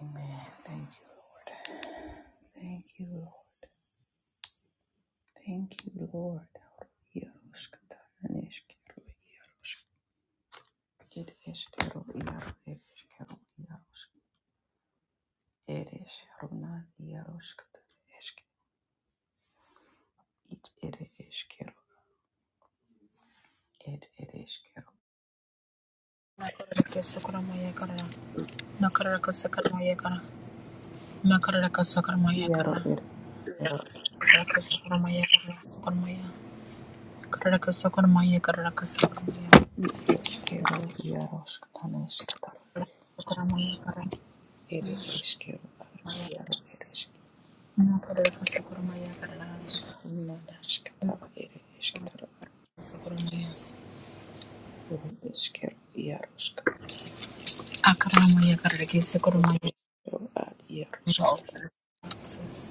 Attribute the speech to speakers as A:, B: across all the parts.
A: Amen. Thank you, Lord. Thank you, Lord. Thank you, Lord.
B: Nakaraka maya kara. Nakaraka sakarmaya kara. Nakaraka sakarmaya
A: Iaro
B: kara.
A: er ero
B: Karaka sakarmaya kara. Sakarmaya. Karaka sakarmaya kara. Karaka sakarmaya.
A: i eskero iarosktaneskatar
B: Sakarmaya kara.
A: ere eskero iaro ere
B: Nakaraka sakarmaya kara.
A: iskana naskatara
B: Nakaraka
A: ere esketara
B: sakarmaya.
A: ere eskero iaros
B: Akaramaya kara.
A: Ed
B: Sakarmaya.
A: iaro ad iaroskata.
B: Access.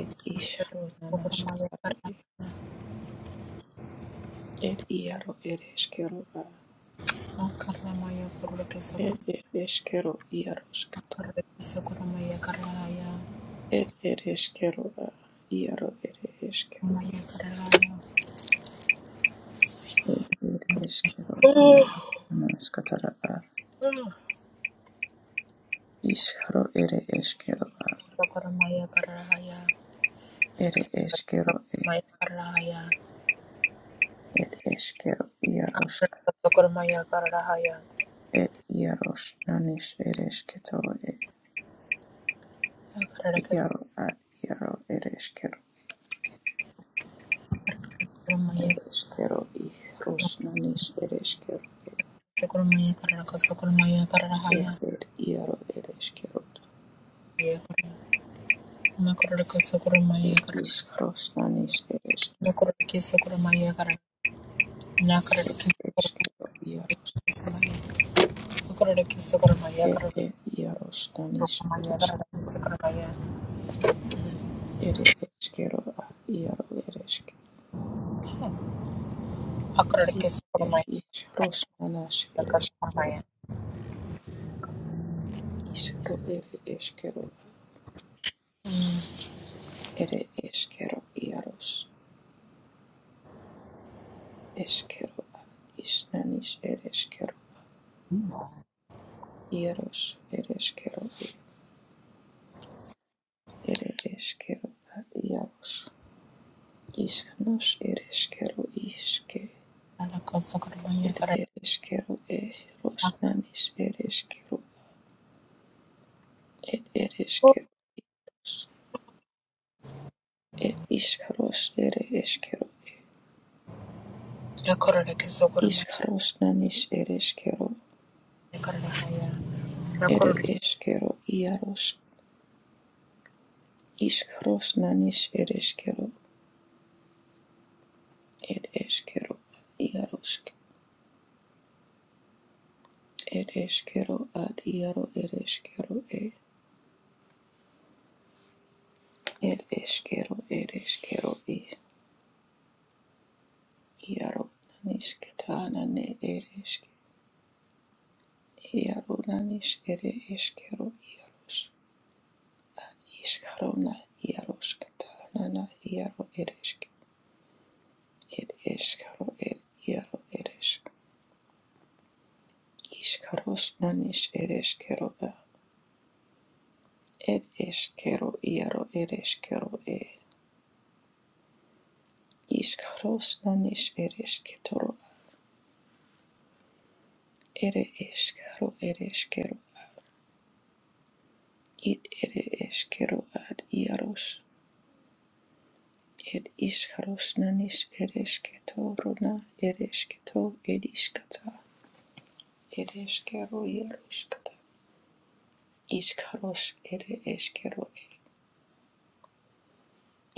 A: Ed isharo
B: Sakarmaya
A: nanaskata.
B: kara.
A: Ed iaro ereskero a.
B: Nakaramaya kara.
A: Ed
B: Sakarmaya
A: ereskero iaroskata.
B: kara.
A: Ed ereskero a. Iaro ereskero.
B: Sakarmaya kara.
A: Ed ereskero iaro nanaskatara a.
B: Sokoramaya
A: Isharo ere eskero a.
B: Karahaya.
A: Ere eskero e.
B: Sokoramaya Karahaya.
A: Ed eskero iarosk.
B: Sokoramaya Karahaya.
A: Ed iaros nanis eresketoro e.
B: Karaka
A: Iaro ad iaro ereskero.
B: Sokoramaya.
A: ereshkigal ihrosnanis ereshkigal
B: Sokoramaya Karaka Sokoramaya Karahaya.
A: erber iaro ereshkigal
B: Makaraka Sokoramaya
A: er
B: Karaka.
A: ishrosnanis ereshkigal
B: Makaraki Sokoramaya Karaka. Nakaraki Sokoramaya.
A: ereshkigal iaros
B: Makaraki Sokoramaya
A: er
B: Karaka.
A: er iarosnanis
B: Sokoramaya Karaka
A: ereshkigal
B: Sokoramaya.
A: er ereshkigal iaro ereshkigal
B: Akaraki
A: er
B: Sokoramaya.
A: ishrosnanas
B: Karaka
A: ereshkigal
B: Sokoramaya.
A: ishro er ereshkigal er ereshkigal iaros eshkero a, isnanis ereshkigal iaros ereshkigal ere eskero ad iaros iskanos ere eskero iske ed ere eskero e rosnanis ere eskero ed ere eskeros ed iskaros ere eskero e iskarosnanis ere eskero ere
B: Yakorora
A: eskero iaros iskarosnanis ere eskero ed eskero iaros ed eskero ad iaro ere eskero e ed eskero ere eskero i Iaro naniske tanane ereske. Iaro nanis ere eskero iaros. Iskarona iaroske tanana iaro ereske. Ed eskaro ed iaro ereske. Iskaros nanis ereskero a. Ed eskero iaro ereskero e. Iskaros nanis eresketoro a. Ere eskaro ereskero. Id ere eskero ad iaros. ir iškarušnanis ir išketo runa ir išketo ir iškata ir iškeru jeruškata iškaruš ir iškeru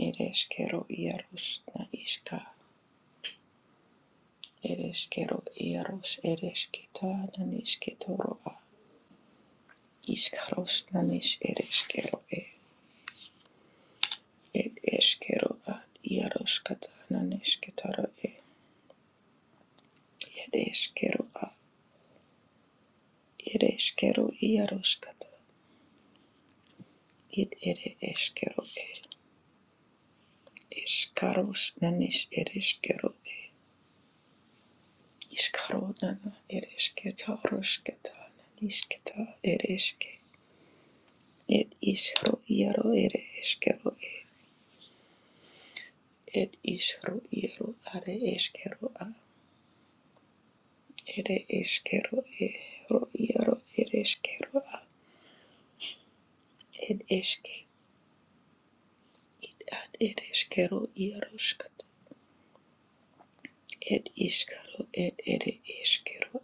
A: ir iškeru jerušna iška ir iškeru jeruš ir išketa nan išketo rua iškarušnanis ir iškeru ir iškeru ad jeruškata nan išketa rua ir iškeru ad ir iškeru jeruškata It ere eskero e. Iskaros nanis ere eskero e. Iskaro nana ere esketa rosketa nanisketa ereske eske. Et iskro iaro ere eskero e. Et isro iaro are eskero a. Ere eskero e. Ro iaro ereskero eskero a. Ed eske. It ad ere eskero Et iskaro et ere eskero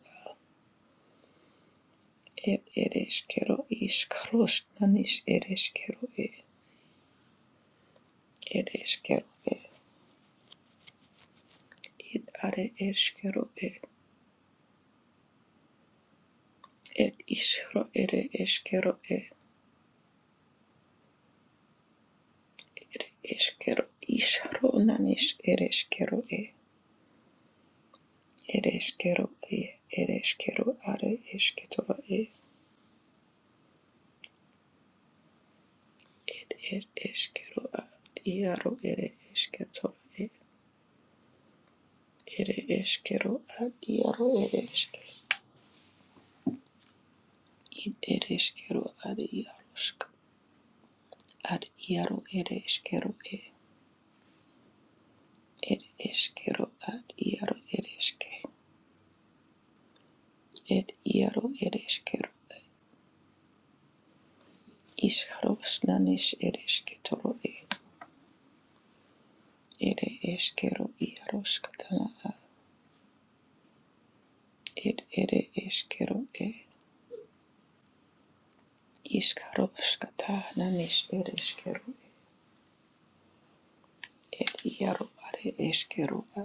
A: It Ed ereshkero ishkarosh nanish ereshkero e. Ereshkero e. It are eshkero e. It ishro ere eshkero e. Ere eshkero ishro nanish ereshkero e. Ereshkero e. Ereshkero are eshketoro e. It ed eshkero a. Iaro ere eshketoro e. Ere eshkero a. Iaro ere It Id ereshkero are iaroshk. ad iaro ere ereshkero e ed eshkero ad iaro ere eske ed iaro ere ereshkero ad ishkaros nanish ereshketoro e ere eshkero iaro katana a ed ere eshkero e ishkaros kata nanish ereshkero ed iaro are eshkero a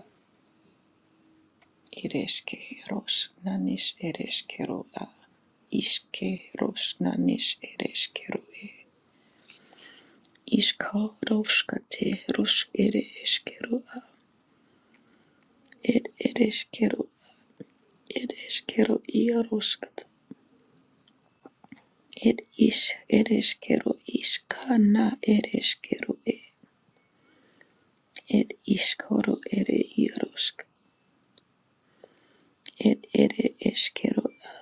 A: ere ereshkeros nanish ereshkero a ishkeros nanish e Ishka roshkate rosh ere eskero a ed ed eskero ed eskero ia roshkata ed ish ed eskero ishka na ed eskero e ed ishkoro ere ia roshk ed ere eskero a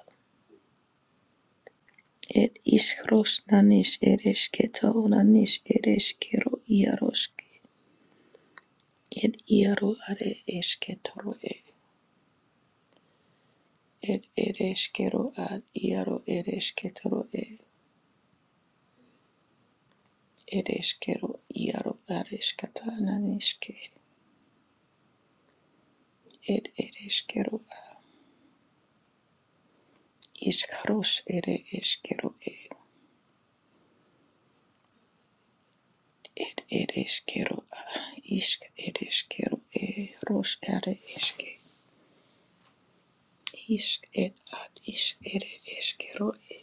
A: ed ish rosh nanish ed esketa nanish ed eskero ia roshke ed iaro are esketoro e ed ere eskero ad iaro ere esketoro e It is iaro areskata naniske. It it is kero iskaros ere eskero e. Ed it is a isk it is e ros ere eske. Isk ed at is ere eskero e.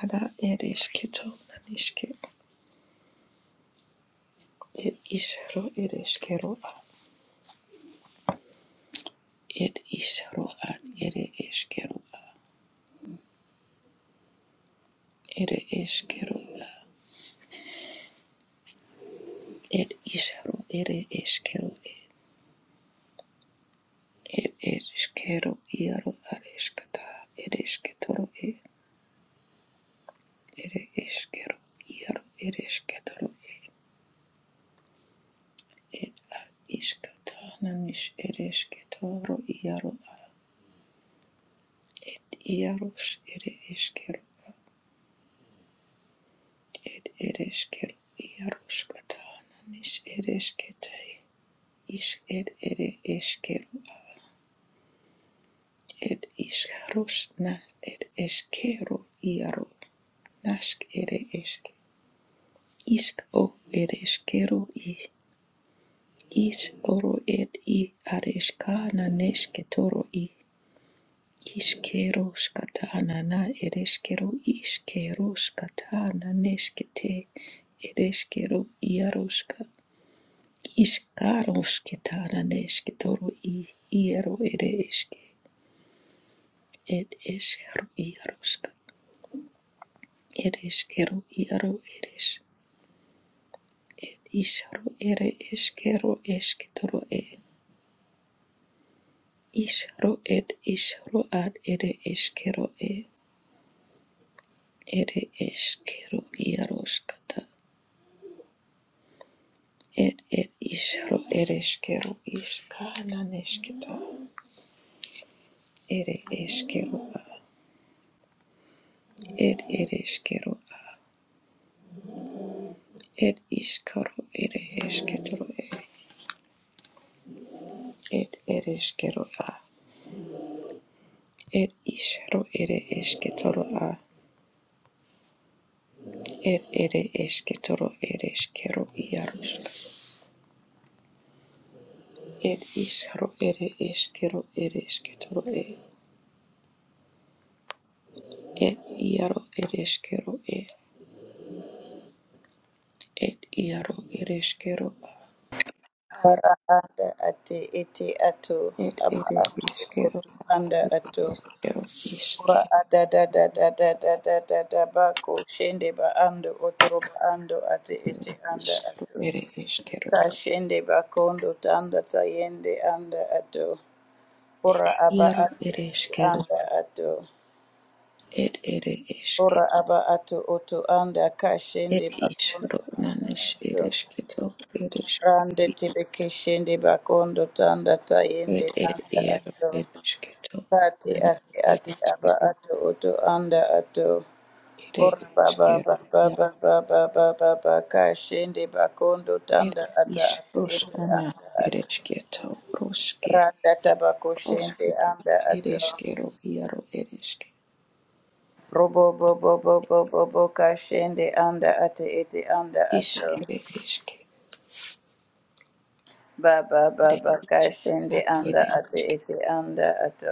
A: Ada ere esketo Ed ishro ro a. Ed ishro at ere eskero a. Ere eskero a. Ed ishro ere eshkero e. It is kero iaro areskata. It is ketoro e. It is kero iaro. It is ketoro e. It ad iskata nanis. It is ketoro iaro ad iaros. It is kero. It it is kero iaros kata nanis. It is kete. Is it it is kero. It is karos na. It is kero iaro. Nask it is. Isk o it is kero I. Ish oro ed i areshka naneshketoro i ishkero shkata nana ereshkero ishkero shkata naneshkete ereshkero iaroshka ishkaroshketa naneshketoro i iero ereshke ed eshro iaroshka ereshkero iaro eresh ishro ere eshkero eshketoro e ishro ed ishro ad ere eshkero e ere eskero iaroskata er er isro ere eskero iska nanesketa ere eskero a er ere eskero a er iskaro ere esketoro e er ere eskero a er isro ere esketoro a er ere esketoro ere eskero iaroska er isro ere eskero ere esketoro e er iaro ere eskero e, et iaro ereskero
C: Ara anda ate ete ato
A: et
C: ama
A: ere
C: ato
A: eskero
C: otu anda ato
A: eskero iske
C: ora ada da da da da da da da da ba ko shende ba ando otoro ba ando ate ete anda
A: iskero
C: ato
A: ere eskero
C: ka shende ba kondo tanda tayende anda ato
A: et
C: ora aba
A: iaro
C: ate ete
A: ereskero
C: anda ato
A: et ere eske
C: ora aba ato oto anda ka shende
A: et
C: ba
A: isro
C: kondo
A: nanish
C: ato
A: eresketo
C: rande
A: ereskero
C: tebe ke shende ba kondo tanda tayende
A: et et
C: anda
A: iaro
C: ato
A: eresketo
C: Ati
A: nanish
C: ati ati aba
A: ereskero
C: ato oto anda ato
A: ere
C: ora baba
A: eskero
C: baba
A: ia
C: baba baba baba kashende bakondo
A: et
C: tanda ata ati
A: isros
C: ete
A: nana
C: anda ato
A: eresketo roske
C: randa tabako shende
A: osketa
C: anda ato
A: ereskero iaro ereske
C: robo bo bo bo bo bo bo kashende anda ati ete anda
A: Ish
C: ato
A: ere ishke
C: baba
A: ere
C: baba
A: ish a
C: kashende anda
A: ere
C: ati
A: ishke
C: ete anda ato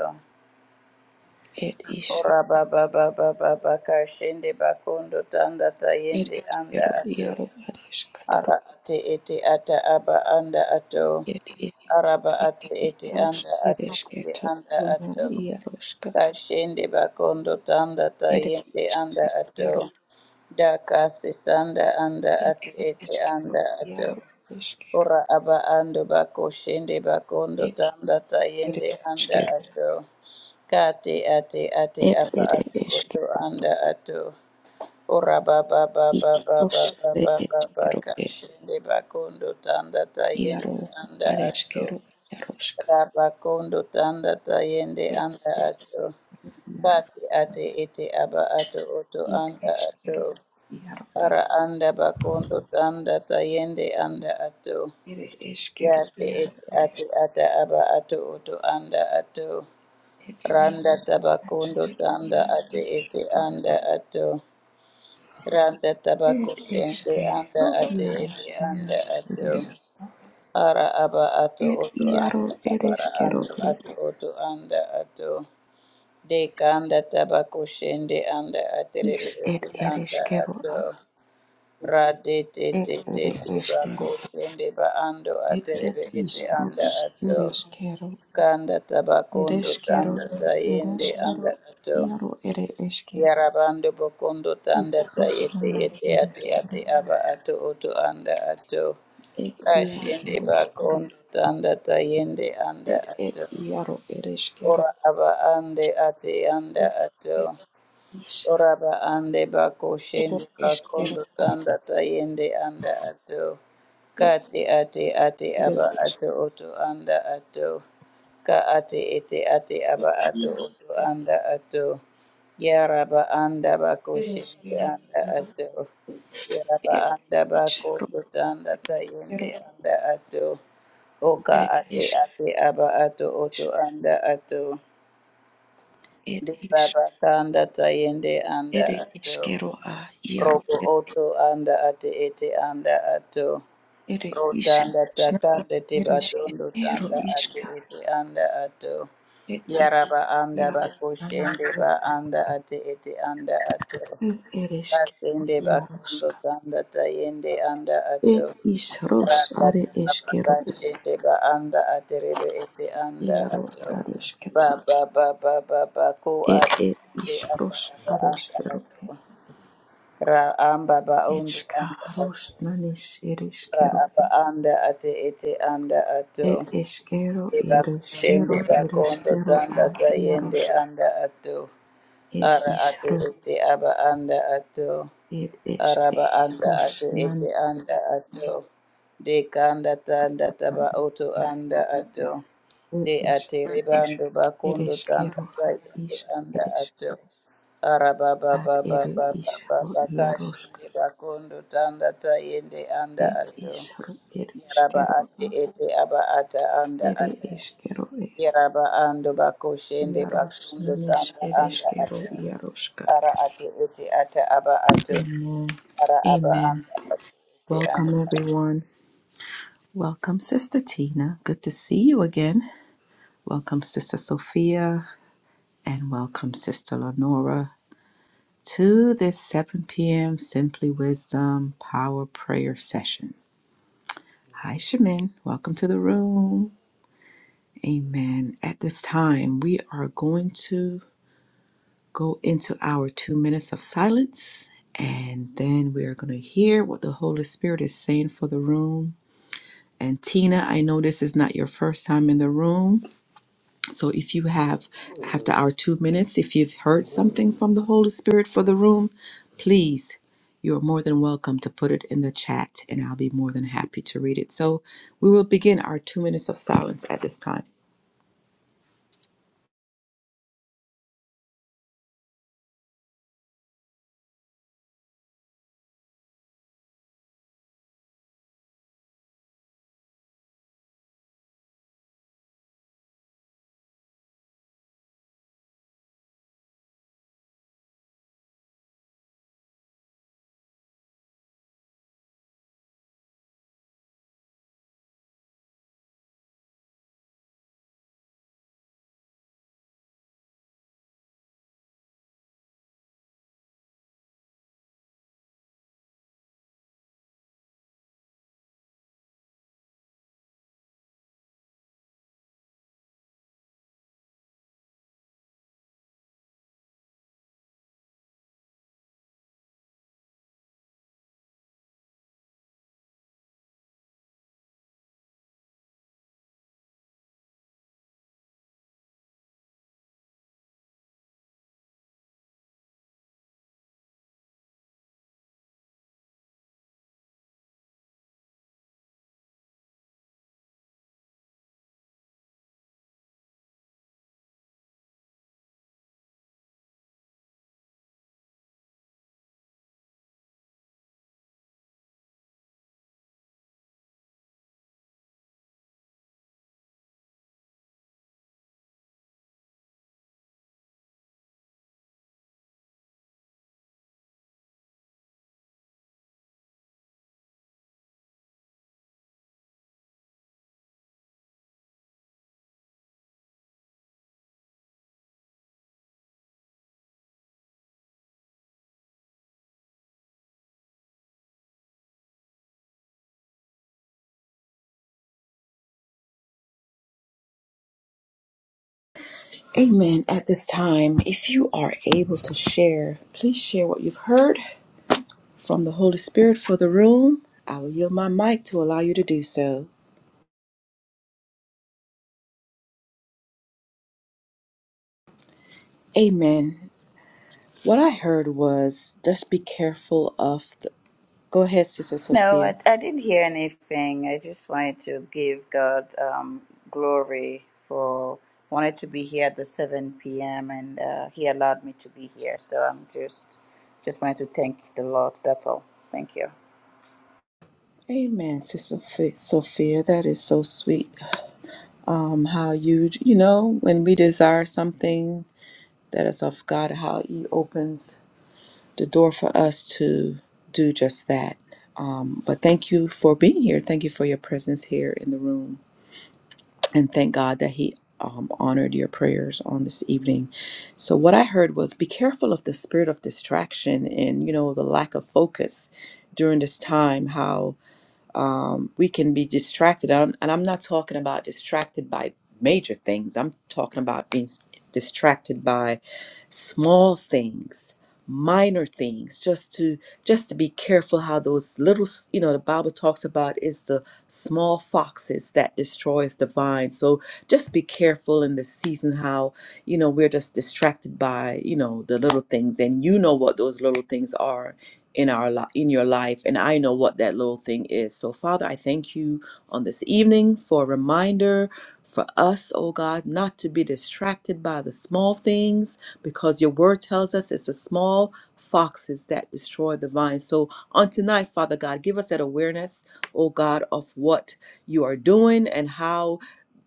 A: ed ish
C: ora baba baba baba kashende bakondo tanda
A: ere
C: tayende anda
A: ishkero
C: ato
A: iaro aresh katoro
C: Ara ate ete ata aba anda ato.
A: ed ishke
C: Araba ate ete
A: iarosh
C: anda
A: ere
C: ate ete
A: ishketo
C: anda
A: ona
C: ato.
A: iaroshka
C: Kashende bakondo tanda
A: ere
C: tayende anda
A: ishkero iaro
C: ato. Dakasi sanda anda
A: ed
C: ate
A: ed
C: ete
A: ishkero
C: anda ato.
A: iaro ishkero
C: Ora aba ando bako shende bakondo
A: ed
C: tanda
A: ere
C: tayende anda
A: ishkero
C: ato. Kati ate ate
A: ed
C: aba
A: ere
C: ato
A: ishke
C: oto anda ato. Ora ba ba ba
A: ish
C: ba ba
A: rosh
C: ba ba
A: ere
C: ba ba ba
A: ishkero
C: ka
A: e
C: shende tanda tayende
A: iaro
C: anda ato.
A: areshkero iaroshka
C: Raba tanda tayende
A: ed
C: anda ato.
A: iaro
C: Kati ate ete aba ato oto
A: ed
C: anda ato.
A: ishkero iaro
C: Ara anda ba tanda tayende anda ato.
A: Ere eskero
C: Yate
A: iaro
C: ete
A: ere
C: ate ata aba ato oto anda ato.
A: esket iaro
C: Randa tabakondo
A: esket
C: tanda
A: iaro
C: ate
A: ere
C: ete
A: esketora
C: anda ato. Randa
A: ere
C: tabako shende anda
A: eskero
C: ate
A: iaro
C: ete anda
A: manas ere
C: ato ara aba ato
A: esket
C: oto
A: iaro
C: anda
A: ere
C: abara
A: eskero
C: anda ato
A: ere
C: oto anda ato deka anda tabako shende anda ate
A: is
C: rebe
A: ed
C: ete
A: ere
C: anda
A: eskero
C: ato
A: a
C: ra te te
A: ed
C: te te
A: ere
C: te bako
A: eskero
C: shende ba ando
A: ed
C: ate
A: ed
C: rebe
A: is
C: ete anda
A: rus
C: ato
A: ere eskero
C: kanda
A: ere
C: tabakondo
A: eskero
C: tanda
A: ere
C: tayende
A: eskero
C: anda ato
A: iaro ere eske
C: Yarabando bokondo
A: is
C: tanda
A: rus
C: tayete
A: manas
C: yete
A: ere
C: ate
A: eskero
C: ate aba ato oto anda ato
A: ed iaro
C: kashende
A: ere eskero
C: bakondo tanda tayende anda
A: ed ed
C: ato
A: iaro
C: ora aba ande ate anda ato
A: Ere iskero,
C: Oraba ande bako
A: ere
C: shende
A: eskero,
C: bakondo tanda tayende anda ato. Kati ate ate
A: ere
C: aba
A: eskero,
C: ato oto anda ato. Ka ate ete ate aba ato
A: iaro,
C: oto anda ato. Yaraba anda bako
A: ere
C: shende
A: eskero,
C: anda
A: iaro,
C: ato. Yaraba
A: ere
C: anda
A: iskero,
C: bakondo tanda
A: iaro,
C: tayende anda ato. Oka
A: ere
C: ate
A: eskis,
C: ate aba ato oto anda ato.
A: ere es, is, er, is,
C: Libaba kanda tayende anda
A: ere
C: ato.
A: eskero, a, iaro,
C: Robo
A: ere,
C: oto anda ate ete anda ato.
A: ere isk,
C: Rotanda
A: sna,
C: takande tiba
A: ere
C: tondo
A: esketero,
C: tanda ate
A: iska,
C: ete anda ato.
A: ere is,
C: Yaraba anda
A: iaro, nana,
C: bakushende
A: ere,
C: ba anda ate ete anda ato.
A: ere eskero,
C: Kasende
A: iaro,
C: bakondo
A: ska,
C: tanda tayende anda ato.
A: ere is, ros,
C: Rata
A: are
C: taba
A: eskero,
C: ba anda aterebe ete anda
A: iaro,
C: ato.
A: are
C: Ba ba ba ba ba ba ko
A: It
C: ate
A: it
C: ete ata
A: ishros
C: ata anda
A: areskerobe.
C: ato ra amba ba undi anda atu
A: Itchkaros nanis
C: ra
A: ereskerobe.
C: aba anda ate ete anda atu
A: It eskero
C: eba kushende
A: ereskero
C: bakondo
A: ereskero a
C: tanda tayende
A: iarosk.
C: anda atu
A: It
C: ara ate
A: ishro
C: ete aba anda atu
A: it
C: araba anda
A: eskeros
C: ate
A: nan
C: ete anda ato de kanda tanda
A: katana.
C: taba oto anda ato
A: It
C: de
A: esk
C: ate ribando bakondo tanda
A: ereskero a
C: tayende
A: isk
C: anda
A: eres
C: ato araba
A: at
C: baba
A: ere
C: baba baba
A: ishro
C: bakashi
A: iarosk.
C: de bakondo tanda tayende anda
A: It
C: ato
A: ishro
C: yaraba
A: ereskero
C: ate
A: a
C: ete aba ata anda
A: ere
C: ato
A: eskero e.
C: yaraba ando bakoshende
A: Iaros
C: bakondo
A: nanis
C: tanda anda
A: ereskero
C: ato
A: iaroska.
C: ara ate ete ata aba ato
A: Amen.
C: Ara aba
A: Amen.
C: anda ate ete anda.
A: Welcome, everyone. Welcome, Sister Tina. Good to see you again. Welcome, Sister Sophia, and welcome, Sister Lenora, to this 7 p.m. Simply Wisdom Power Prayer Session. Hi, Shemin. Welcome to the room. Amen. At this time, we are going to go into our two minutes of silence, and then we are going to hear what the Holy Spirit is saying for the room And Tina, I know this is not your first time in the room. So if you have, after our two minutes, if you've heard something from the Holy Spirit for the room, please, you are more than welcome to put it in the chat and I'll be more than happy to read it. So we will begin our two minutes of silence at this time. Amen. At this time, if you are able to share, please share what you've heard from the Holy Spirit for the room. I will yield my mic to allow you to do so. Amen. What I heard was just be careful of the. Go ahead, Sister
C: No,
A: Sophia.
C: I, I didn't hear anything. I just wanted to give God um, glory for wanted to be here at the 7 p.m. and uh, He allowed me to be here. So I'm just just wanted to thank the Lord. That's all. Thank you.
A: Amen, Sister Phi- Sophia. That is so sweet. Um, how you you know when we desire something that is of God, how He opens the door for us to do just that. Um, but thank you for being here. Thank you for your presence here in the room. and thank God that He um, honored your prayers on this evening. So, what I heard was be careful of the spirit of distraction and, you know, the lack of focus during this time, how um, we can be distracted. I'm, and I'm not talking about distracted by major things, I'm talking about being s- distracted by small things minor things just to just to be careful how those little s- you know the bible talks about is the small foxes that destroys the vine so just be careful in the season how you know we're just distracted by you know the little things and you know what those little things are in our li- in your life and I know what that little thing is. So Father, I thank you on this evening for a reminder for us, oh God, not to be distracted by the small things because your word tells us it's the small foxes that destroy the vine. So on tonight, Father God, give us that awareness, oh God, of what you are doing and how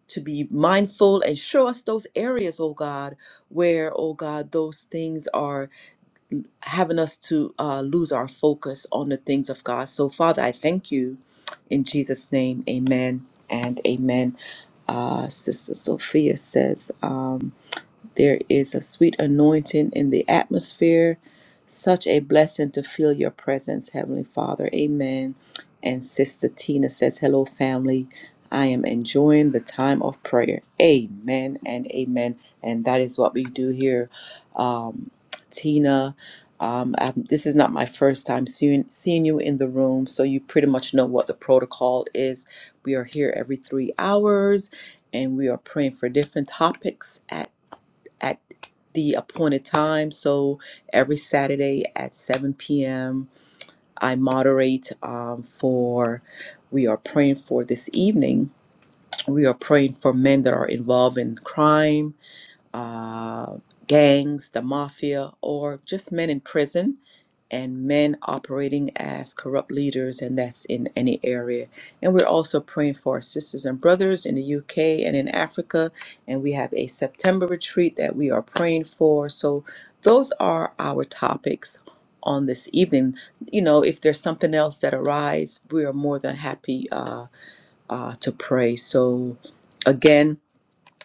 A: to be mindful and show us those areas, oh God, where, oh God, those things are having us to uh, lose our focus on the things of God. So, Father, I thank you in Jesus' name. Amen and amen. Uh, Sister Sophia says. Um, there is a sweet anointing in the atmosphere. Such a blessing to feel your presence, Heavenly Father. Amen. And Sister Tina says, Hello, family. I am enjoying the time of prayer. Amen and amen. And that is what we do here. Um, Tina, um, I'm- this is not my first time seeing, seeing you in the room, so you pretty much know what the protocol is. We are here every three hours and we are praying for different topics at at the appointed time. So every Saturday at 7 p.m., I moderate um, for, we are praying for this evening. We are praying for men that are involved in crime uh, gangs, the mafia, or just men in prison and men operating as corrupt leaders, and that's in any area. And we're also praying for our sisters and brothers in the UK and in Africa. And we have a September retreat that we are praying for. So those are our topics on this evening. You know, if there's something else that arises, we are more than happy uh, uh, to pray. So again,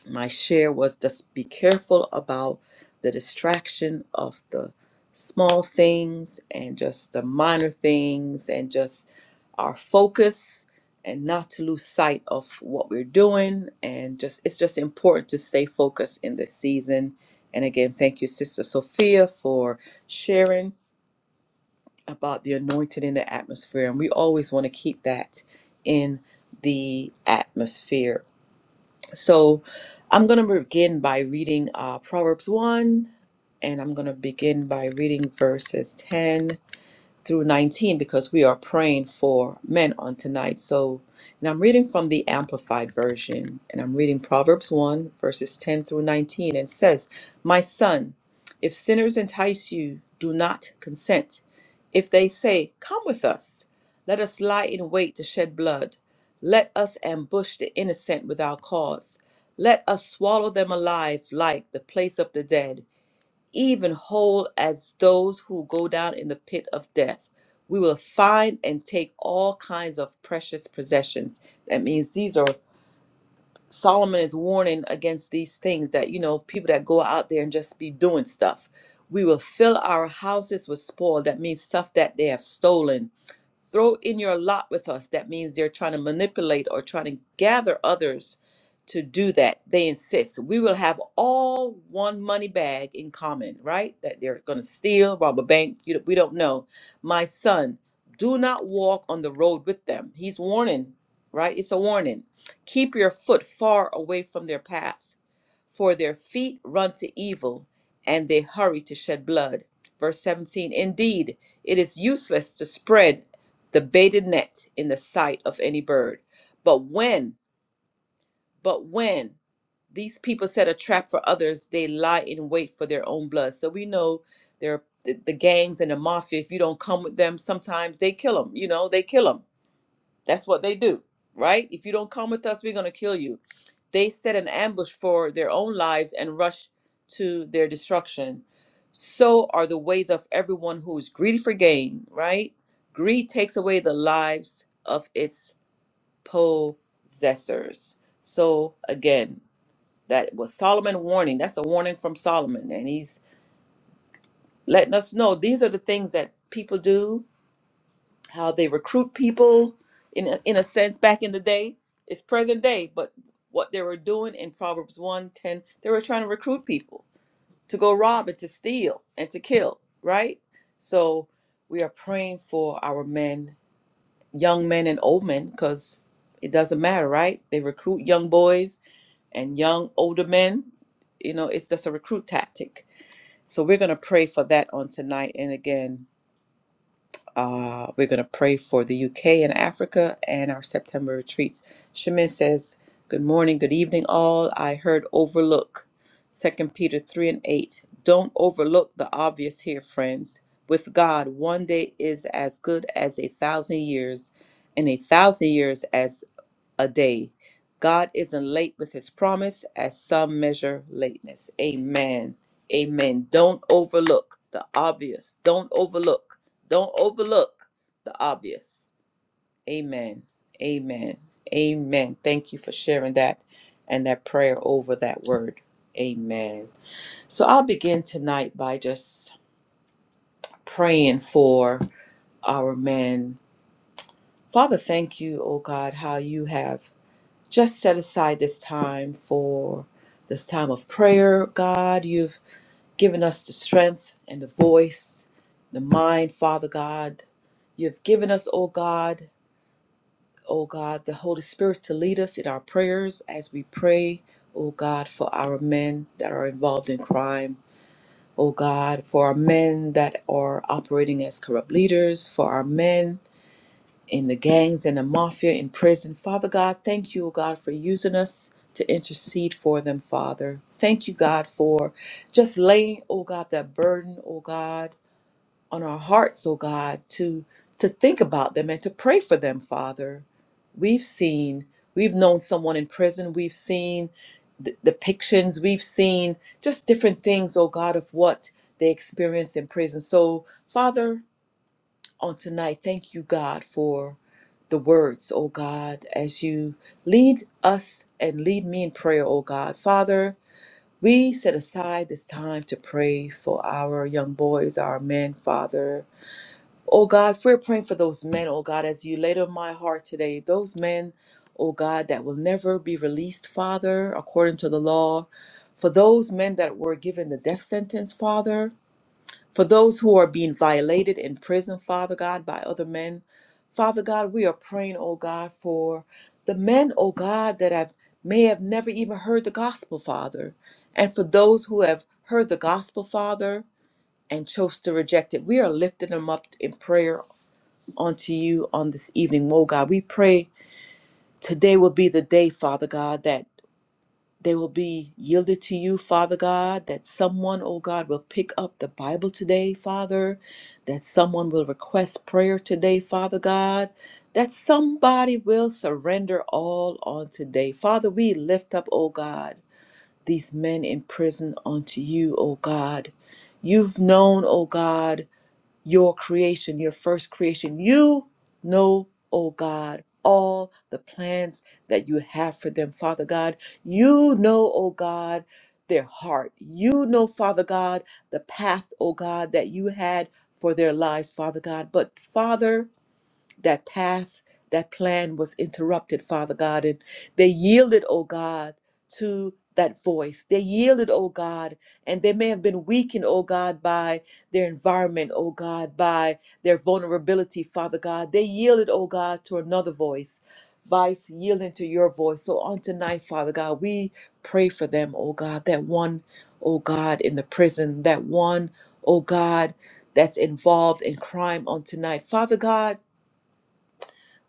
A: my share was just be careful about the distraction of the small things and just the minor things and just our focus and not to lose sight of what we're doing and just it's just important to stay focused in this season and again thank you sister sophia for sharing about the anointed in the atmosphere and we always want to keep that in the atmosphere so I'm going to begin by reading uh, Proverbs 1, and I'm going to begin by reading verses 10 through 19 because we are praying for men on tonight. So, and I'm reading from the Amplified Version, and I'm reading Proverbs 1, verses 10 through 19, and says, My son, if sinners entice you, do not consent. If they say, 'Come with us, let us lie in wait to shed blood. Let us ambush the innocent without cause. Let us swallow them alive like the place of the dead even whole as those who go down in the pit of death. We will find and take all kinds of precious possessions. That means these are Solomon is warning against these things that, you know, people that go out there and just be doing stuff. We will fill our houses with spoil. That means stuff that they have stolen. Throw in your lot with us. That means they're trying to manipulate or trying to gather others to do that. They insist. We will have all one money bag in common, right? That they're going to steal, rob a bank. You, we don't know. My son, do not walk on the road with them. He's warning, right? It's a warning Keep your foot far away from their path, for their feet run to evil and they hurry to shed blood. Verse 17 Indeed, it is useless to spread the baited net in the sight of any bird. But when, but when these people set a trap for others, they lie in wait for their own blood. So we know there are the, the gangs and the mafia. If you don't come with them, sometimes they kill them. You know, they kill them. That's what they do, right? If you don't come with us, we're going to kill you they set an ambush for their own lives and rush to their destruction. So are the ways of everyone who is greedy for gain, right? Greed takes away the lives of its possessors. So again, that was Solomon warning. That's a warning from Solomon. And he's letting us know these are the things that people do how they recruit people in a, in a sense back in the day it's present day but what they were doing in proverbs 110 they were trying to recruit people to go rob and to steal and to kill right so we are praying for our men young men and old men because it doesn't matter right they recruit young boys and young older men you know it's just a recruit tactic so we're going to pray for that on tonight and again uh, we're going to pray for the UK and Africa and our September retreats. Shemin says, Good morning, good evening, all. I heard overlook. Second Peter 3 and 8. Don't overlook the obvious here, friends. With God, one day is as good as a thousand years, and a thousand years as a day. God isn't late with his promise as some measure lateness. Amen. Amen. Don't overlook the obvious. Don't overlook. Don't overlook the obvious. Amen. Amen. Amen. Thank you for sharing that and that prayer over that word. Amen. So I'll begin tonight by just praying for our men. Father, thank you, oh God, how you have just set aside this time for this time of prayer, God. You've given us the strength and the voice, the mind, Father God. You've given us, O God, O God, the Holy Spirit to lead us in our prayers as we pray, O God, for our men that are involved in crime. O God, for our men that are operating as corrupt leaders, for our men in the gangs and the mafia in prison. Father God, thank you, O God, for using us to intercede for them, Father. Thank you, God, for just laying, oh God, that burden, oh God, on our hearts, oh God, to to think about them and to pray for them, Father. We've seen, we've known someone in prison, we've seen the depictions, we've seen just different things, oh God, of what they experience in prison. So, Father, on tonight. Thank you, God, for the words, oh God, as you lead us and lead me in prayer, oh God. Father, we set aside this time to pray for our young boys, our men, Father. Oh God, we're praying for those men, oh God, as you laid on my heart today, those men, oh God, that will never be released, Father, according to the law. For those men that were given the death sentence, Father. For those who are being violated in prison, Father God, by other men, Father God, we are praying, oh God, for the men, oh God, that have may have never even heard the gospel, Father. And for those who have heard the gospel, Father, and chose to reject it, we are lifting them up in prayer unto you on this evening, oh God. We pray today will be the day, Father God, that they will be yielded to you, Father God, that someone, oh God, will pick up the Bible today, Father, that someone will request prayer today, Father God, that somebody will surrender all on today. Father, we lift up, oh God, these men in prison unto you, oh God. You've known, oh God, your creation, your first creation. You know, oh God, all the plans that you have for them, Father God. You know, oh God, their heart. You know, Father God, the path, oh God, that you had for their lives, Father God. But Father, that path, that plan was interrupted, Father God, and they yielded, oh God, to that voice. They yielded, oh God, and they may have been weakened, oh God, by their environment, oh God, by their vulnerability, Father God. They yielded, oh God, to another voice. Vice yielding to your voice. So on tonight, Father God, we pray for them, oh God, that one, oh God, in the prison, that one, oh God, that's involved in crime on tonight. Father God,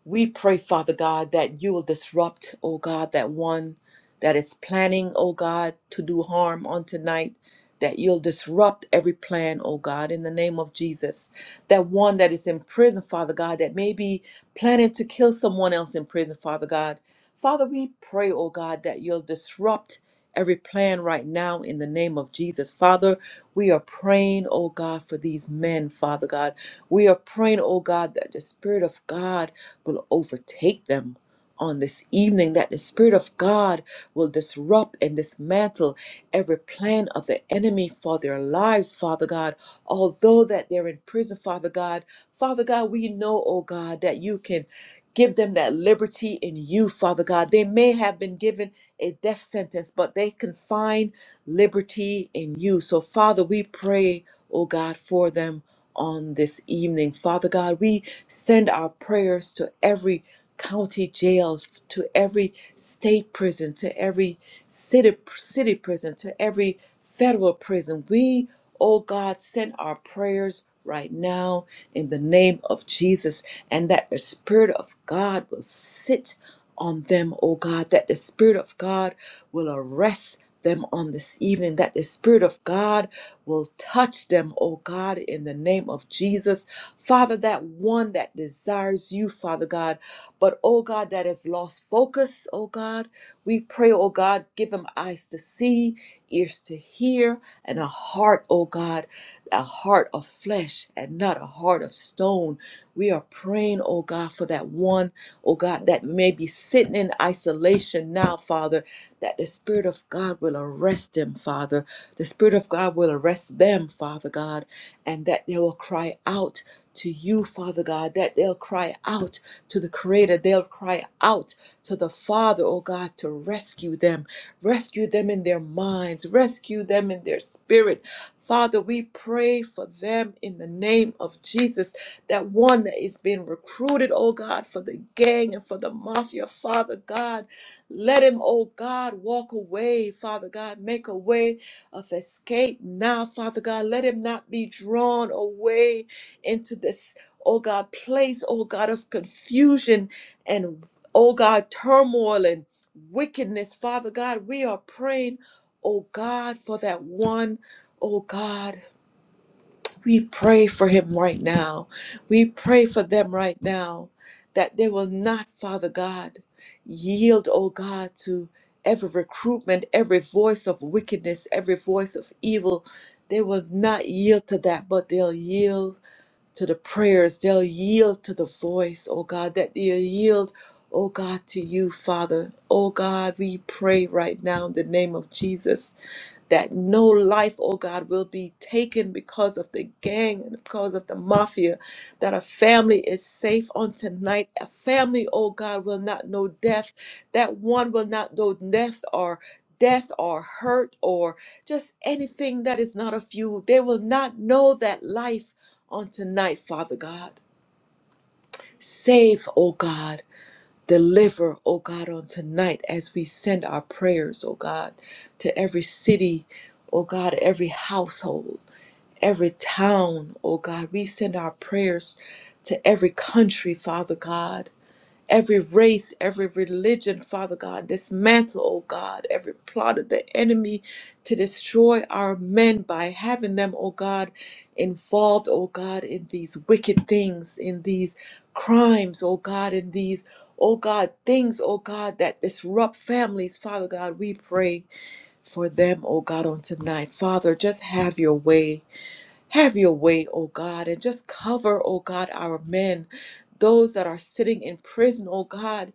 A: we pray, Father God, that you will disrupt, oh God, that one that is planning, oh God, to do harm on tonight, that you'll disrupt every plan, oh God, in the name of Jesus. That one that is in prison, Father God, that may be planning to kill someone else in prison, Father God. Father, we pray, oh God, that you'll disrupt every plan right now in the name of Jesus. Father, we are praying, oh God, for these men, Father God. We are praying, oh God, that the Spirit of God will overtake them on this evening, that the Spirit of God will disrupt and dismantle every plan of the enemy for their lives, Father God. Although that they're in prison, Father God, Father God, we know, oh God, that you can give them that liberty in you, Father God. They may have been given a death sentence, but they confine liberty in you. So, Father, we pray, oh God, for them on this evening. Father God, we send our prayers to every county jail, to every state prison, to every city, city prison, to every federal prison. We, oh God, send our prayers right now in the name of Jesus and that the Spirit of God will sit on them, oh God, that the Spirit of God will arrest them on this evening, that the Spirit of God will touch them, oh God, in the name of Jesus. Father, that one that desires you, Father God, but oh God, that has lost focus, oh God, we pray, oh God, give them eyes to see, ears to hear, and a heart, oh God, a heart of flesh and not a heart of stone. We are praying, oh God, for that one, oh God, that may be sitting in isolation now, Father, that the Spirit of God will arrest them, Father. The Spirit of God will arrest them, Father God, and that they will cry out to you, Father God, that they'll cry out to the Creator. They'll cry out to the Father, oh God, to rescue them. Rescue them in their minds, rescue them in their spirit. Father, we pray for them in the name of Jesus. That one that is being recruited, oh God, for the gang and for the mafia, Father God. Let him, oh God, walk away, Father God. Make a way of escape now, Father God. Let him not be drawn away into this, oh God, place, oh God, of confusion and, oh God, turmoil and wickedness, Father God. We are praying, oh God, for that one, oh God. We pray for him right now. We pray for them right now that they will not, Father God, yield, oh God, to every recruitment, every voice of wickedness, every voice of evil. They will not yield to that, but they'll yield to the prayers. They'll yield to the voice, oh God, that they'll yield, oh God, to you, Father. Oh God, we pray right now in the name of Jesus that no life, oh God, will be taken because of the gang and because of the mafia, that a family is safe on tonight. A family, oh God, will not know death, that one will not know death or death or hurt or just anything that is not of you. They will not know that life on tonight, Father God. Save, oh God. Deliver, oh God, on tonight as we send our prayers, oh God, to every city, oh God, every household, every town, oh God. We send our prayers to every country, Father God every race, every religion, Father God. Dismantle, oh God, every plot of the enemy to destroy our men by having them, oh God, involved, oh God, in these wicked things, in these crimes, oh God, in these, oh God, things, oh God, that disrupt families, Father God. We pray for them, oh God, on tonight. Father, just have your way. Have your way, O God, and just cover, O God, our men, those that are sitting in prison, O God,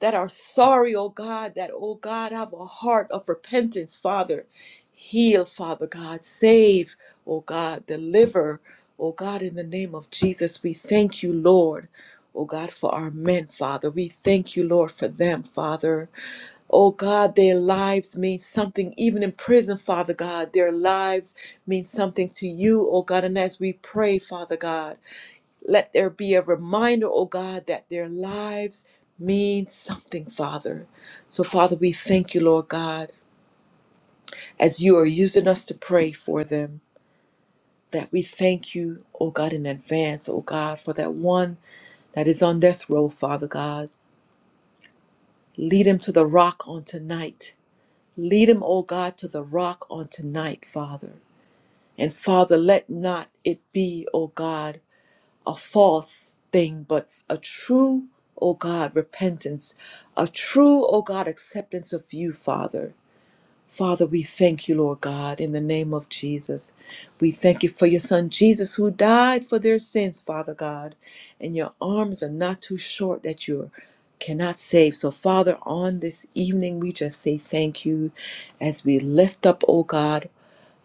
A: that are sorry, O God, that, O God, have a heart of repentance, Father. Heal, Father God. Save, O God. Deliver, O God, in the name of Jesus. We thank you, Lord, O God, for our men, Father. We thank you, Lord, for them, Father. Oh God, their lives mean something. Even in prison, Father God, their lives mean something to you, oh God. And as we pray, Father God, let there be a reminder, oh God, that their lives mean something, Father. So, Father, we thank you, Lord God, as you are using us to pray for them, that we thank you, oh God, in advance, oh God, for that one that is on death row, Father God. Lead him to the rock on tonight. Lead him, O God, to the rock on tonight, Father. And Father, let not it be, O God, a false thing, but a true, O God, repentance, a true, O God, acceptance of you, Father. Father, we thank you, Lord God, in the name of Jesus. We thank you for your son Jesus who died for their sins, Father God. And your arms are not too short that you cannot save. So, Father, on this evening, we just say thank you as we lift up, oh God,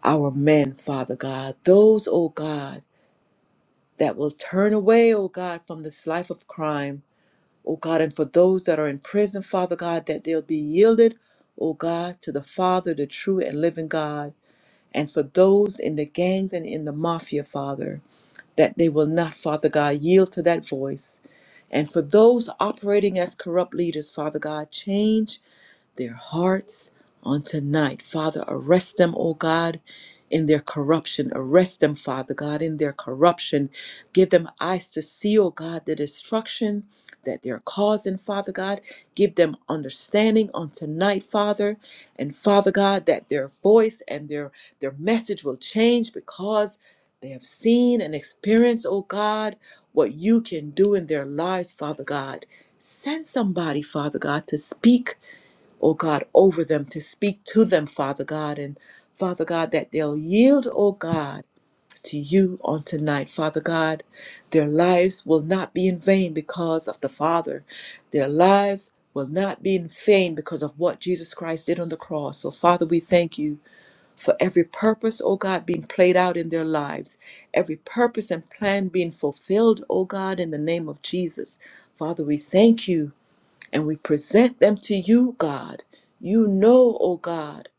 A: our men, Father God, those, oh God, that will turn away, oh God, from this life of crime O God, and for those that are in prison, Father God, that they'll be yielded, O God, to the Father, the true and living God. And for those in the gangs and in the mafia, Father, that they will not, Father God, yield to that voice. And for those operating as corrupt leaders, Father God, change their hearts on tonight. Father, arrest them, O God, in their corruption. Arrest them, Father God, in their corruption. Give them eyes to see, O God, the destruction that they're causing, Father God. Give them understanding on tonight, Father. And Father God, that their voice and their, their message will change because they have seen and experienced, O God, what you can do in their lives, Father God. Send somebody, Father God, to speak oh God, over them, to speak to them, Father God. And Father God, that they'll yield, oh God, to you on tonight, Father God. Their lives will not be in vain because of the Father. Their lives will not be in vain because of what Jesus Christ did on the cross. So, Father, we thank you for every purpose, oh God, being played out in their lives, every purpose and plan being fulfilled, oh God, in the name of Jesus. Father, we thank you and we present them to you, God. You know, O God,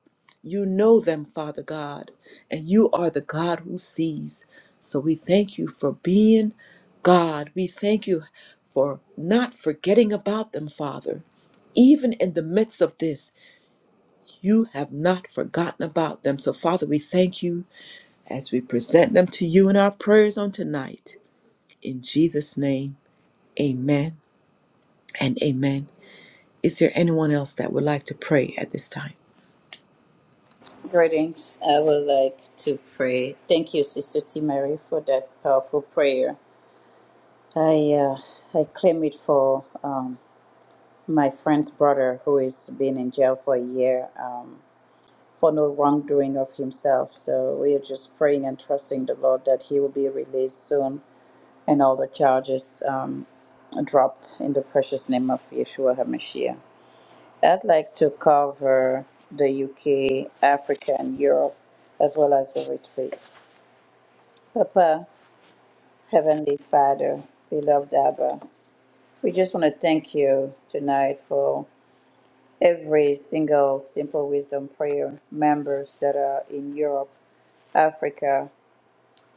A: you know them, Father God, and you are the God who sees. So we thank you for being God. We thank you for not forgetting about them, Father. Even in the midst of this, you have not forgotten about them. So, Father, we thank you as we present them to you in our prayers on tonight. In Jesus' name, amen and amen. Is there anyone else that would like to pray at this time?
C: Greetings. I would like to pray. Thank you, Sister T. Mary, for that powerful prayer. I uh, I claim it for um, my friend's brother who is been in jail for a year. Um, for no wrongdoing of himself. So we are just praying and trusting the Lord that he will be released soon and all the charges um, dropped in the precious name of Yeshua HaMashiach. I'd like to cover the UK, Africa, and Europe, as well as the retreat. Papa, Heavenly Father, beloved Abba, we just want to thank you tonight for every single Simple Wisdom Prayer members that are in Europe, Africa,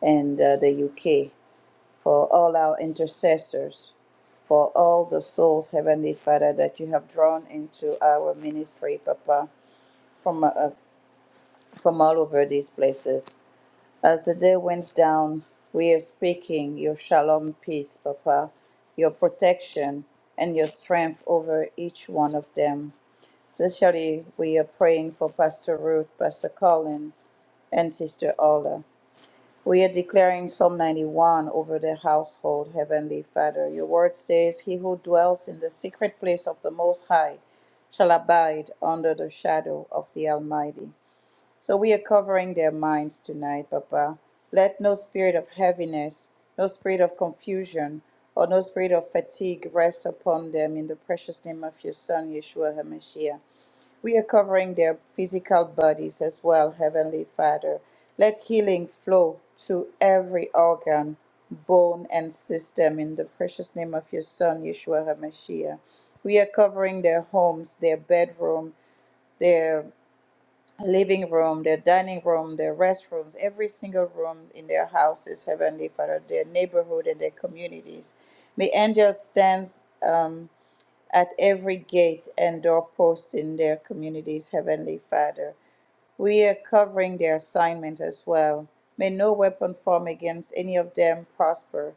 C: and uh, the UK, for all our intercessors, for all the souls, Heavenly Father, that you have drawn into our ministry, Papa, from, uh, from all over these places. As the day winds down, we are speaking your shalom peace, Papa, your protection and your strength over each one of them. Especially, we are praying for Pastor Ruth, Pastor Colin, and Sister Ola. We are declaring Psalm 91 over the household, Heavenly Father. Your word says, He who dwells in the secret place of the Most High shall abide under the shadow of the Almighty. So we are covering their minds tonight, Papa. Let no spirit of heaviness, no spirit of confusion, or no spirit of fatigue rest upon them in the precious name of your Son, Yeshua HaMashiach. We are covering their physical bodies as well, Heavenly Father. Let healing flow to every organ, bone, and system in the precious name of your Son, Yeshua HaMashiach. We are covering their homes, their bedroom, their living room, their dining room, their restrooms, every single room in their houses, Heavenly Father, their neighborhood and their communities. May angels stand at every gate and doorpost in their communities, Heavenly Father. We are covering their assignments as well. May no weapon form against any of them prosper.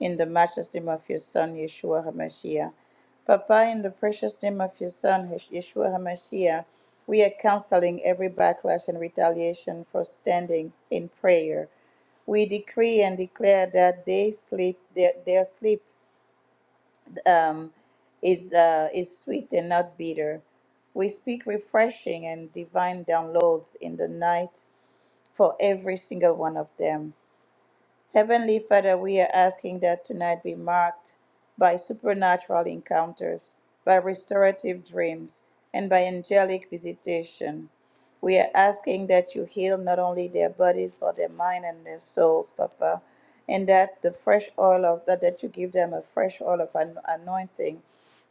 C: In the matchless name of your Son, Yeshua HaMashiach. Papa, in the precious name of your Son, Yeshua HaMashiach, we are canceling every backlash and retaliation for standing in prayer. We decree and declare that they sleep, their, their sleep um, is uh, is sweet and not bitter. We speak refreshing and divine downloads in the night for every single one of them. Heavenly Father, we are asking that tonight be marked by supernatural encounters, by restorative dreams, and by angelic visitation. We are asking that you heal not only their bodies, but their mind and their souls, Papa, and that the fresh oil of that, that you give them a fresh oil of an anointing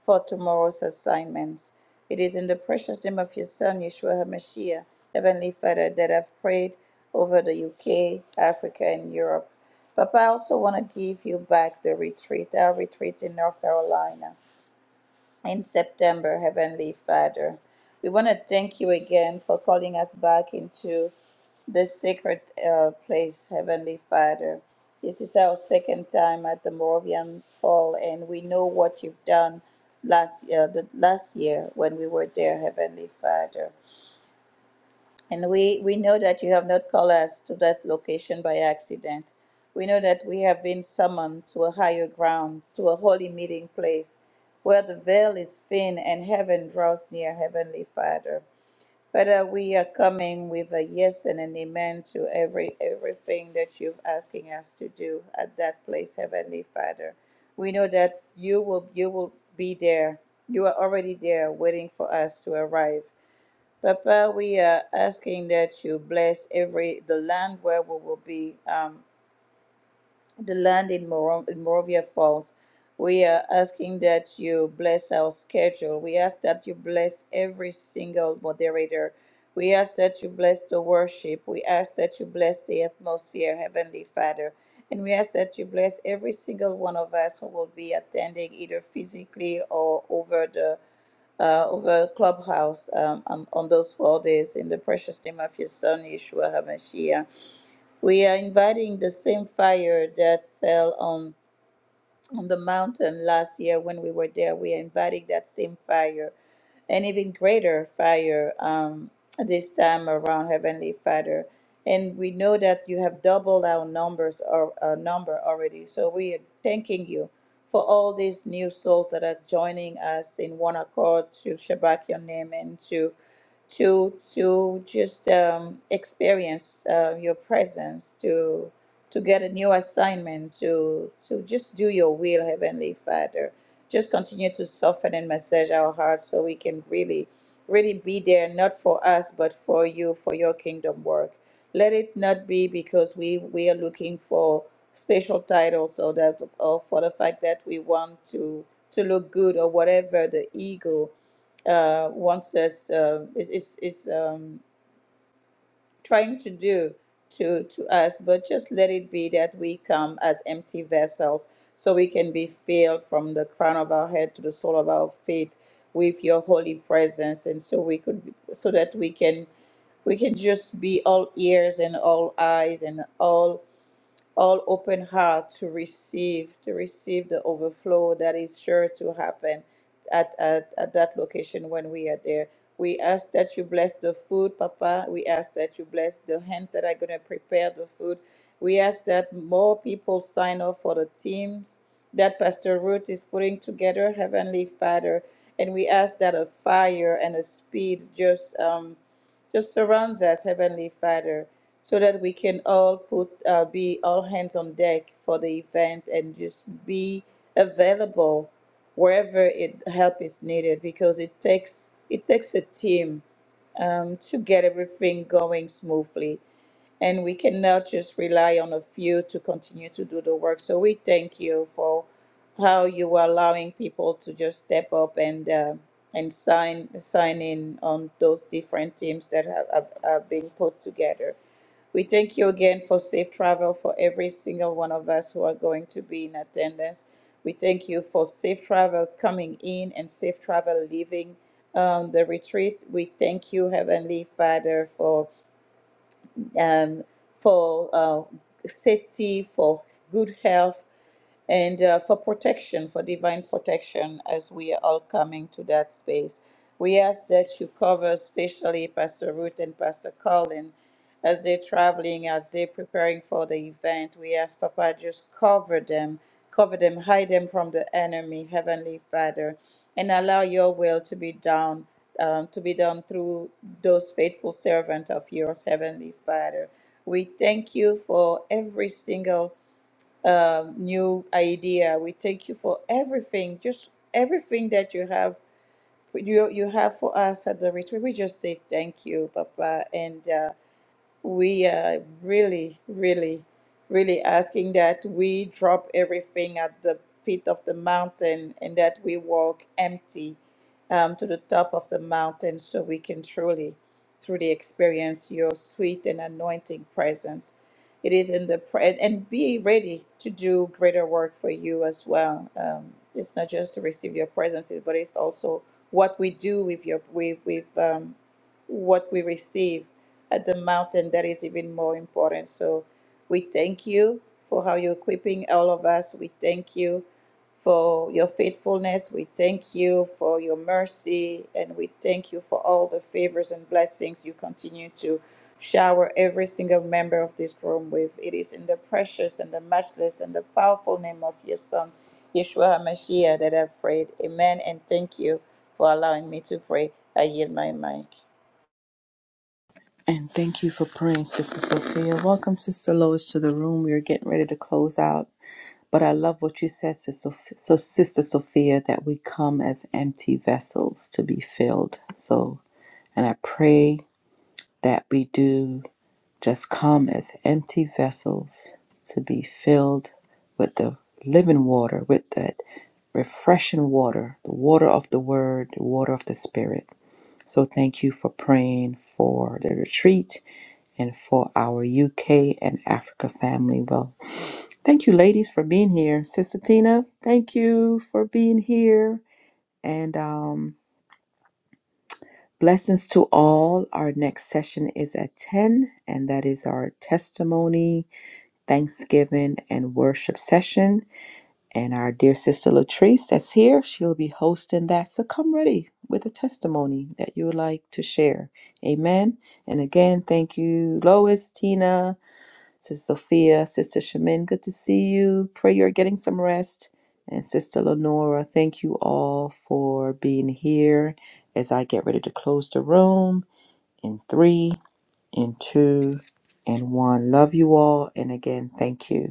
C: for tomorrow's assignments. It is in the precious name of your Son, Yeshua HaMashiach, Heavenly Father, that I've prayed over the UK, Africa, and Europe. Papa, I also want to give you back the retreat, our retreat in North Carolina in September, Heavenly Father. We want to thank you again for calling us back into the sacred uh, place, Heavenly Father. This is our second time at the Moravians Fall, and we know what you've done last year, the last year when we were there, Heavenly Father. And we, we know that you have not called us to that location by accident. We know that we have been summoned to a higher ground, to a holy meeting place, where the veil is thin and heaven draws near, Heavenly Father. Father, we are coming with a yes and an amen to every everything that you're asking us to do at that place, Heavenly Father. We know that you will you will be there. You are already there waiting for us to arrive. Papa, we are asking that you bless every the land where we will be, um, the land in, Moro- in Morovia Falls. We are asking that you bless our schedule. We ask that you bless every single moderator. We ask that you bless the worship. We ask that you bless the atmosphere, Heavenly Father. And we ask that you bless every single one of us who will be attending either physically or over the uh, over Clubhouse um, on, on those four days in the precious name of your Son, Yeshua HaMashiach. We are inviting the same fire that fell on on the mountain last year when we were there. We are inviting that same fire an even greater fire um, this time around, Heavenly Father. And we know that you have doubled our numbers or our number already. So we are thanking you for all these new souls that are joining us in one accord to Shabbat your name and to to to just um, experience uh, your presence to to get a new assignment to to just do your will heavenly father just continue to soften and massage our hearts so we can really really be there not for us but for you for your kingdom work let it not be because we we are looking for special titles or that or for the fact that we want to to look good or whatever the ego uh, wants us uh, is is is um, trying to do to to us but just let it be that we come as empty vessels so we can be filled from the crown of our head to the sole of our feet with your holy presence and so we could so that we can we can just be all ears and all eyes and all all open heart to receive to receive the overflow that is sure to happen at, at, at that location when we are there we ask that you bless the food papa we ask that you bless the hands that are going to prepare the food we ask that more people sign up for the teams that pastor ruth is putting together heavenly father and we ask that a fire and a speed just um just surrounds us heavenly father so that we can all put uh, be all hands on deck for the event and just be available wherever it help is needed because it takes it takes a team um, to get everything going smoothly and we cannot just rely on a few to continue to do the work so we thank you for how you are allowing people to just step up and uh, and sign sign in on those different teams that have, have, have been put together we thank you again for safe travel for every single one of us who are going to be in attendance. We thank you for safe travel coming in and safe travel leaving um, the retreat. We thank you, Heavenly Father, for um, for uh, safety, for good health, and uh, for protection, for divine protection, as we are all coming to that space. We ask that you cover, especially Pastor Ruth and Pastor Colin, as they're traveling, as they're preparing for the event. We ask, Papa, just cover them, cover them, hide them from the enemy, Heavenly Father, and allow your will to be done. Um, to be done through those faithful servants of yours, Heavenly Father. We thank you for every single um, new idea. We thank you for everything, just everything that you have you you have for us at the retreat. We just say thank you, Papa, and. Uh, we are really, really, really asking that we drop everything at the feet of the mountain and that we walk empty um, to the top of the mountain so we can truly, truly experience your sweet and anointing presence. It is in the pre- and and be ready to do greater work for you as well. Um, it's not just to receive your presence, but it's also what we do with your with with um, what we receive at the mountain that is even more important. So we thank you for how you're equipping all of us. We thank you for your faithfulness. We thank you for your mercy. And we thank you for all the favors and blessings you continue to shower every single member of this room with. It is in the precious and the matchless and the powerful name of your Son, Yeshua HaMashiach, that I've prayed. Amen. And thank you for allowing me to pray. I yield my mic.
A: And thank you for praying, Sister Sophia. Welcome, Sister Lois, to the room. We are getting ready to close out. But I love what you said, Sister, so Sister Sophia, that we come as empty vessels to be filled. So, and I pray that we do just come as empty vessels to be filled with the living water, with that refreshing water, the water of the Word, the water of the Spirit. So thank you for praying for the retreat and for our UK and Africa family. Well, thank you, ladies, for being here. Sister Tina, thank you for being here. And um, blessings to all. Our next session is at 10, and that is our testimony, thanksgiving, and worship session. And our dear sister Latrice that's here, she'll be hosting that. So come ready with a testimony that you would like to share. Amen. And again, thank you, Lois, Tina, Sister Sophia, Sister Shemin. Good to see you. Pray you're getting some rest. And Sister Lenora, thank you all for being here as I get ready to close the room in three, in two, and one. Love you all. And again, thank you.